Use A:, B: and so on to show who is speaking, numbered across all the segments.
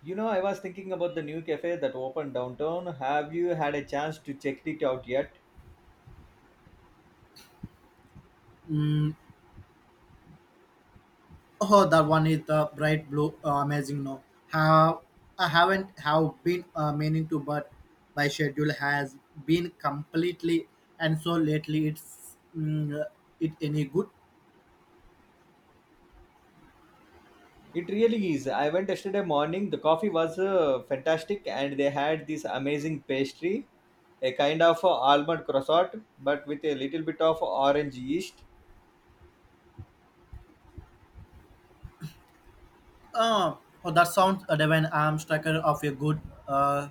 A: You know, I was thinking about the new cafe that opened downtown. Have you had a chance to check it out yet?
B: Mm, oh, that one is the bright blue, amazing. No, have I haven't have been meaning to, but my schedule has been completely and so lately it's it any good.
A: It really is. I went yesterday morning. The coffee was fantastic, and they had this amazing pastry, a kind of almond croissant, but with a little bit of orange yeast.
B: Uh, oh, that sounds divine. I'm striker of a good uh,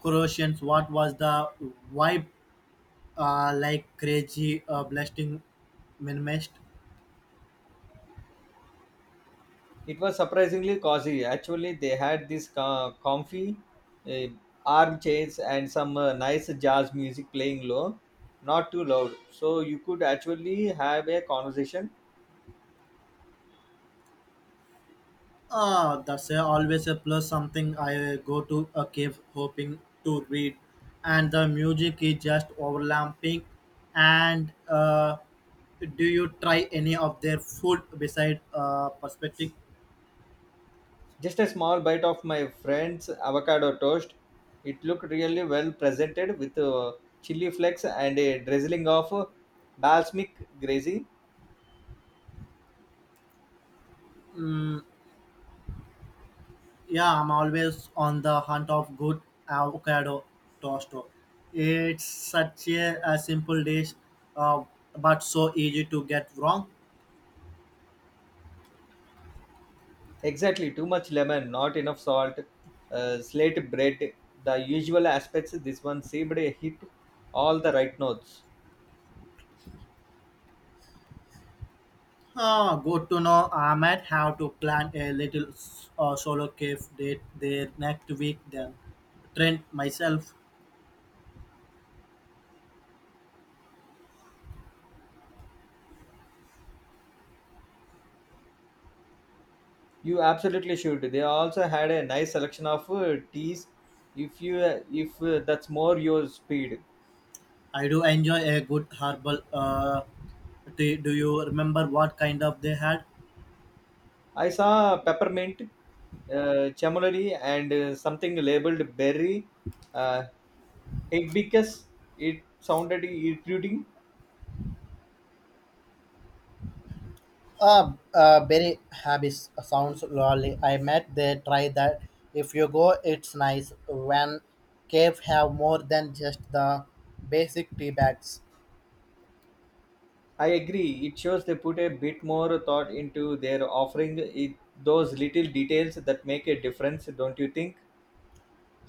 B: Croatians. What was the vibe like? Crazy blasting minimalist.
A: It was surprisingly cozy. Actually, they had this comfy uh, armchairs and some nice jazz music playing low, not too loud, so you could actually have a conversation.
B: Ah, that's always a plus. Something I go to a cave hoping to read, and the music is just overlapping. And do you try any of their food beside perspective?
A: Just a small bite of my friend's avocado toast. It looked really well presented with chili flakes and a drizzling of balsamic gravy.
B: Mm, yeah, I'm always on the hunt of good avocado toast. It's such a simple dish, uh, but so easy to get wrong.
A: Exactly, too much lemon, not enough salt, slate bread, the usual aspects. This one seemed a hit all the right notes.
B: Ah, good to know. I might have to plan a little solo cave date there next week then. Trent myself.
A: You absolutely should. They also had a nice selection of teas if you if that's more your speed.
B: I do enjoy a good herbal tea. Do you remember what kind of they had?
A: I saw peppermint, chamomile, and something labeled berry uh, hibiscus. It sounded intriguing.
B: Berry habits sounds lovely. I met they try that. If you go, it's nice. When cave have more than just the basic tea bags.
A: I agree. It shows they put a bit more thought into their offering. Those little details that make a difference, don't you think?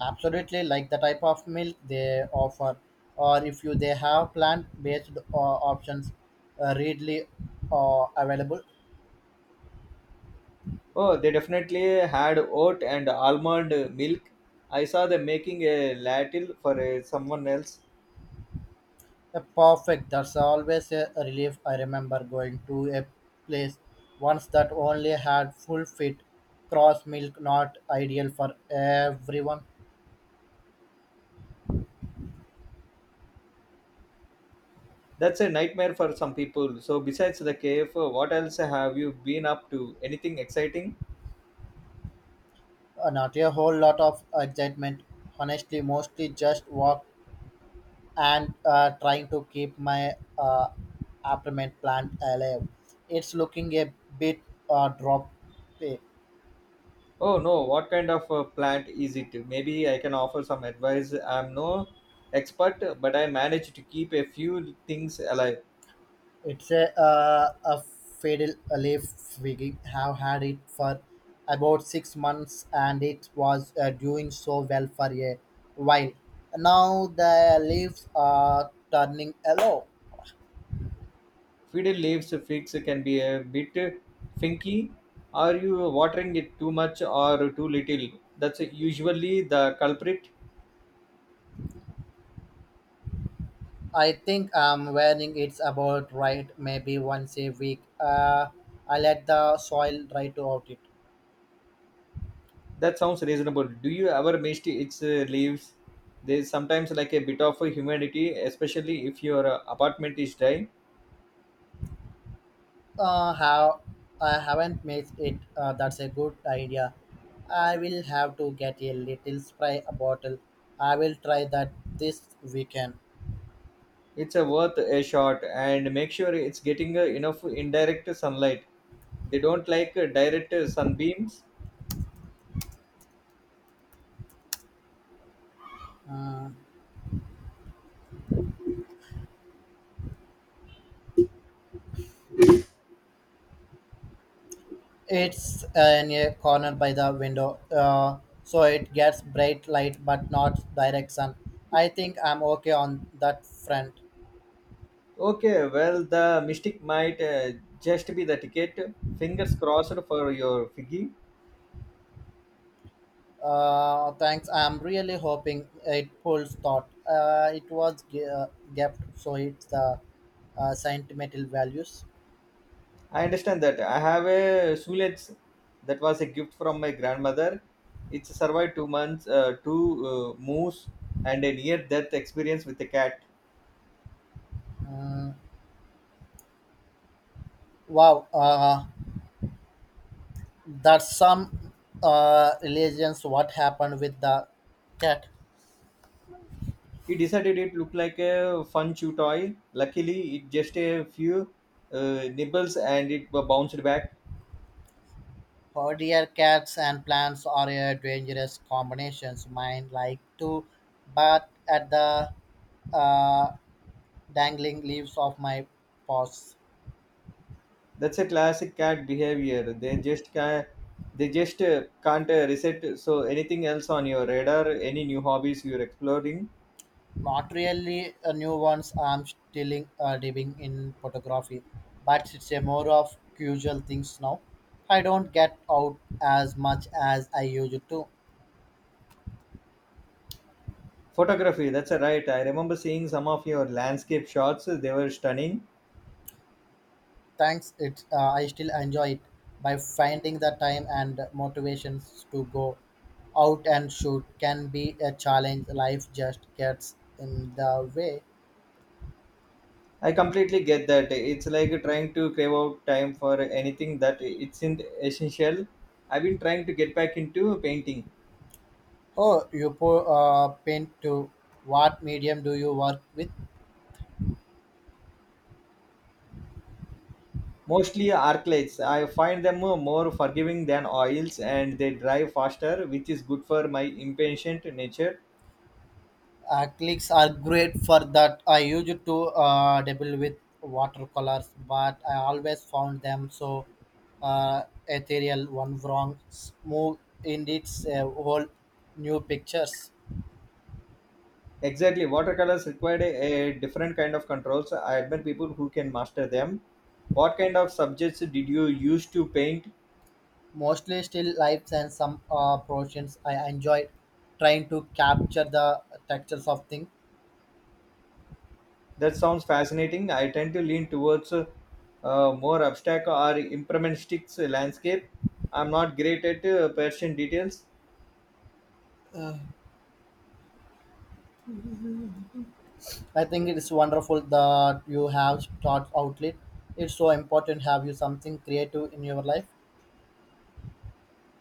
B: Absolutely, like the type of milk they offer, or if you they have plant-based options readily available.
A: Oh, they definitely had oat and almond milk. I saw them making a latte for someone else.
B: Perfect. That's always a relief. I remember going to a place once that only had full fit cross milk, not ideal for everyone.
A: That's a nightmare for some people. So, besides the cave, what else have you been up to? Anything exciting?
B: Not a whole lot of excitement. Honestly, mostly just walk and trying to keep my uh, apartment plant alive. It's looking a bit drop. eh,
A: Oh no, what kind of plant is it? Maybe I can offer some advice. I'm no expert, but I managed to keep a few things alive.
B: It's a fatal leaf we have had it for about 6 months, and it was doing so well for a while. Now the leaves are turning yellow.
A: Fiddle leaves figs can be a bit finky. Are you watering it too much or too little? That's usually the culprit.
B: I think I'm wearing it's about right maybe once a week. I let the soil dry to out it.
A: That sounds reasonable. Do you ever mist its leaves? There's sometimes like a bit of humidity, especially if your apartment is dry.
B: Have I haven't made it. That's a good idea. I will have to get a little spray bottle. I will try that this weekend.
A: It's a worth a shot and make sure it's getting enough indirect sunlight. They don't like direct sunbeams.
B: Uh, it's in a corner by the window, so it gets bright light but not direct sun. I think I'm okay on that front.
A: Okay, well, the mystic might just be the ticket. Fingers crossed for your figgy.
B: Thanks. I'm really hoping it pulls thought. It was gapped, so it's the sentimental values.
A: I understand that. I have a sulet that was a gift from my grandmother. It's survived 2 months, two moves, and a near death experience with a cat.
B: Wow, that's some religions. What happened with the cat?
A: He decided it looked like a fun chew toy. Luckily, it just a few nibbles and it bounced back.
B: Oh dear, cats and plants are a dangerous combinations. Mine like to bat at the uh, dangling leaves of my paws.
A: That's a classic cat behavior. They just can't reset. So anything else on your radar? Any new hobbies you're exploring?
B: Not really a new ones. I'm still diving in photography, but it's a more of usual things now. I don't get out as much as I used to.
A: Photography. That's a right. I remember seeing some of your landscape shots. They were stunning.
B: Thanks, it I still enjoy it by finding the time and motivations to go out and shoot can be a challenge. Life just gets in the way.
A: I completely get that. It's like trying to crave out time for anything that isn't essential. I've been trying to get back into painting.
B: Oh, you paint to what medium do you work with?
A: Mostly arclights. I find them more forgiving than oils and they dry faster, which is good for my impatient nature.
B: Acrylics are great for that. I used to dabble with watercolors, but I always found them so ethereal. One wrong move indicates a whole new pictures.
A: Exactly. Watercolors require a different kind of controls. I admire people who can master them. What kind of subjects did you use to paint?
B: Mostly still lifes and some portions. I enjoy trying to capture the textures of things.
A: That sounds fascinating. I tend to lean towards more abstract or impressionistic landscape. I'm not great at Persian details.
B: I think it is wonderful that you have thought outlet. It's so important have you something creative in your life.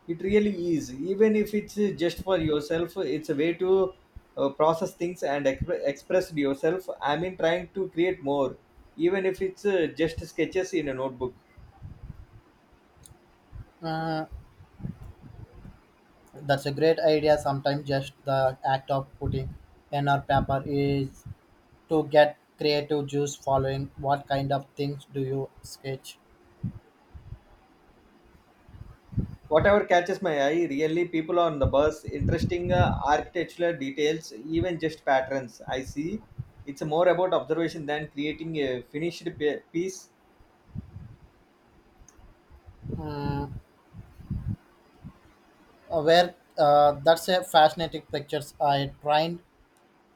A: It really is. Even if it's just for yourself, it's a way to process things and express yourself. I mean, trying to create more, even if it's just sketches in a notebook.
B: uh, that's a great idea. Sometimes just the act of putting pen or paper is to get creative juice following. What kind of things do you sketch?
A: Whatever catches my eye, really, people on the bus, interesting architectural details, even just patterns. I see. It's more about observation than creating a finished piece.
B: Mm, where That's a fascinating pictures. I tried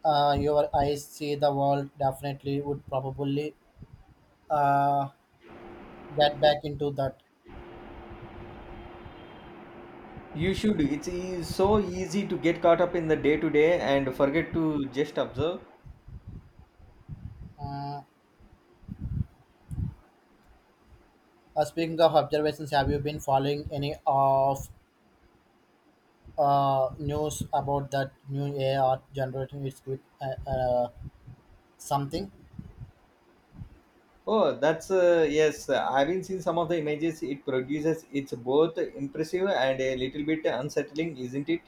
B: your eyes see the world definitely would probably uh, get back into that.
A: You should. It's so easy to get caught up in the day to day and forget to just observe.
B: Uh, Speaking of observations, have you been following any of news about that new AI art generating its quick something?
A: Oh, that's yes. Having seen some of the images it produces, it's both impressive and a little bit unsettling, isn't it?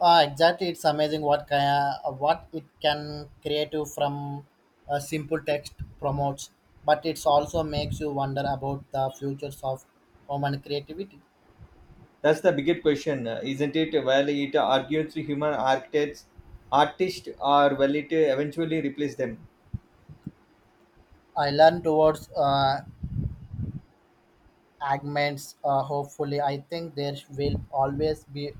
B: Exactly, it's amazing what it can create you from a simple text promotes, but it also makes you wonder about the futures of human creativity.
A: That's the bigger question, isn't it? Well, it argues to human architects, artists, or will it eventually replace them?
B: I learned towards augments hopefully. I think there will always be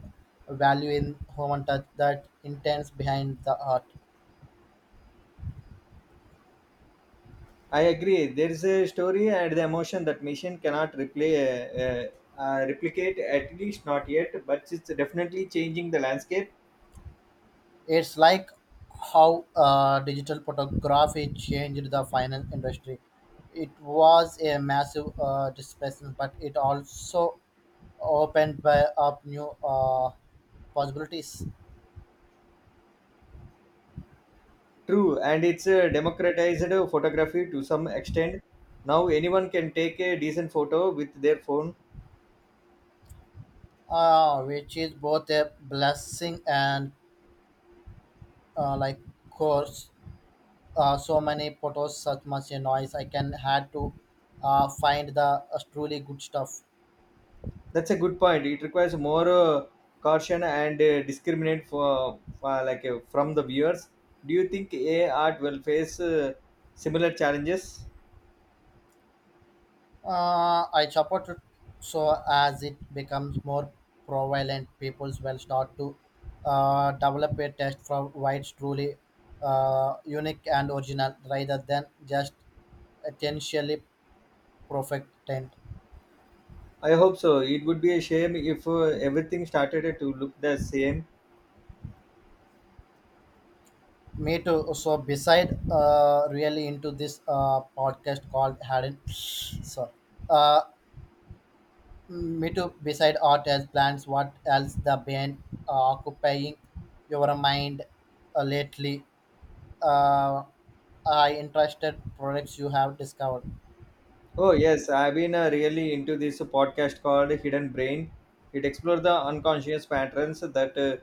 B: value in human touch that intends behind the art.
A: I agree. There is a story and the emotion that machine cannot replicate, at least not yet. But it's definitely changing the landscape.
B: It's like how digital photography changed the finance industry. It was a massive displacement, but it also opened by up new possibilities.
A: True, and it's democratized photography to some extent. Now anyone can take a decent photo with their phone.
B: Which is both a blessing and like curse. So many photos, such much a noise. I can had to find the truly good stuff.
A: That's a good point. It requires more caution and discriminate for from the viewers. Do you think AI art will face similar challenges?
B: I support it so as it becomes more prevalent, people will start to develop a taste for what's truly unique and original rather than just essentially perfect tent.
A: I hope so. It would be a shame if everything started to look the same.
B: Me too. So beside really into this podcast called Hadden. Uh, Me too. Beside art as plants, what else the been occupying your mind lately? Uh, I interested products you have discovered.
A: Oh yes, I've been really into this podcast called Hidden Brain. It explores the unconscious patterns that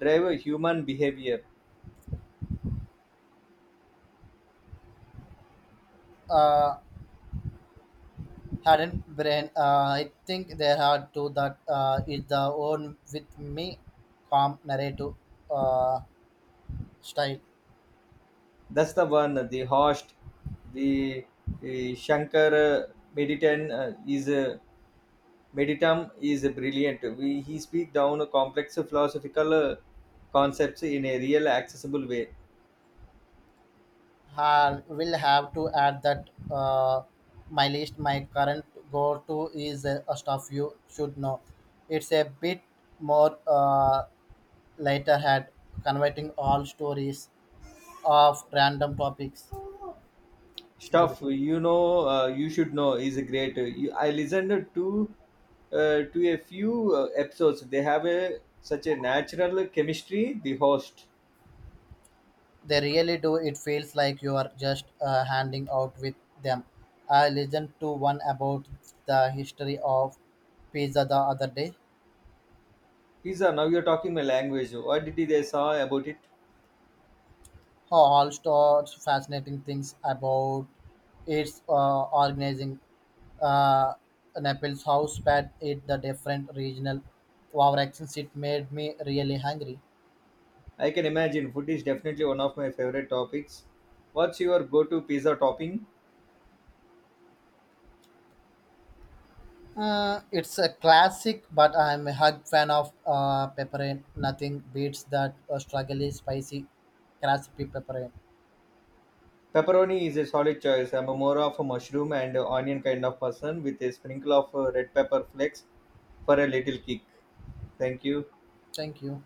A: drive human behavior.
B: Uh, Hadn't brain. I think there are two that is the own with me calm narrative uh, style.
A: That's the one. The host, the Shankar Meditan is Meditam is brilliant. He speaks down complex philosophical concepts in a real accessible way.
B: I will have to add that my list, my current go to is a stuff you should know. It's a bit more later had converting all stories of random topics.
A: Stuff you should know is a great I listened to a few episodes. They have a such a natural chemistry, the host.
B: They really do. It feels like you are just handing out with them. I listened to one about the history of pizza the other day.
A: Pizza, now you're talking my language. What did they saw about it?
B: Huh, all sorts fascinating things about its organizing. Uh, Naples, house, bad it the different regional wow accents. It made me really hungry.
A: I can imagine. Food is definitely one of my favorite topics. What's your go-to pizza topping?
B: It's a classic, but I'm a hug fan of pepper. Nothing beats that struggly, spicy, crispy pepper.
A: Pepperoni is a solid choice. I'm a more of a mushroom and onion kind of person with a sprinkle of red pepper flakes for a little kick. Thank you.
B: Thank you.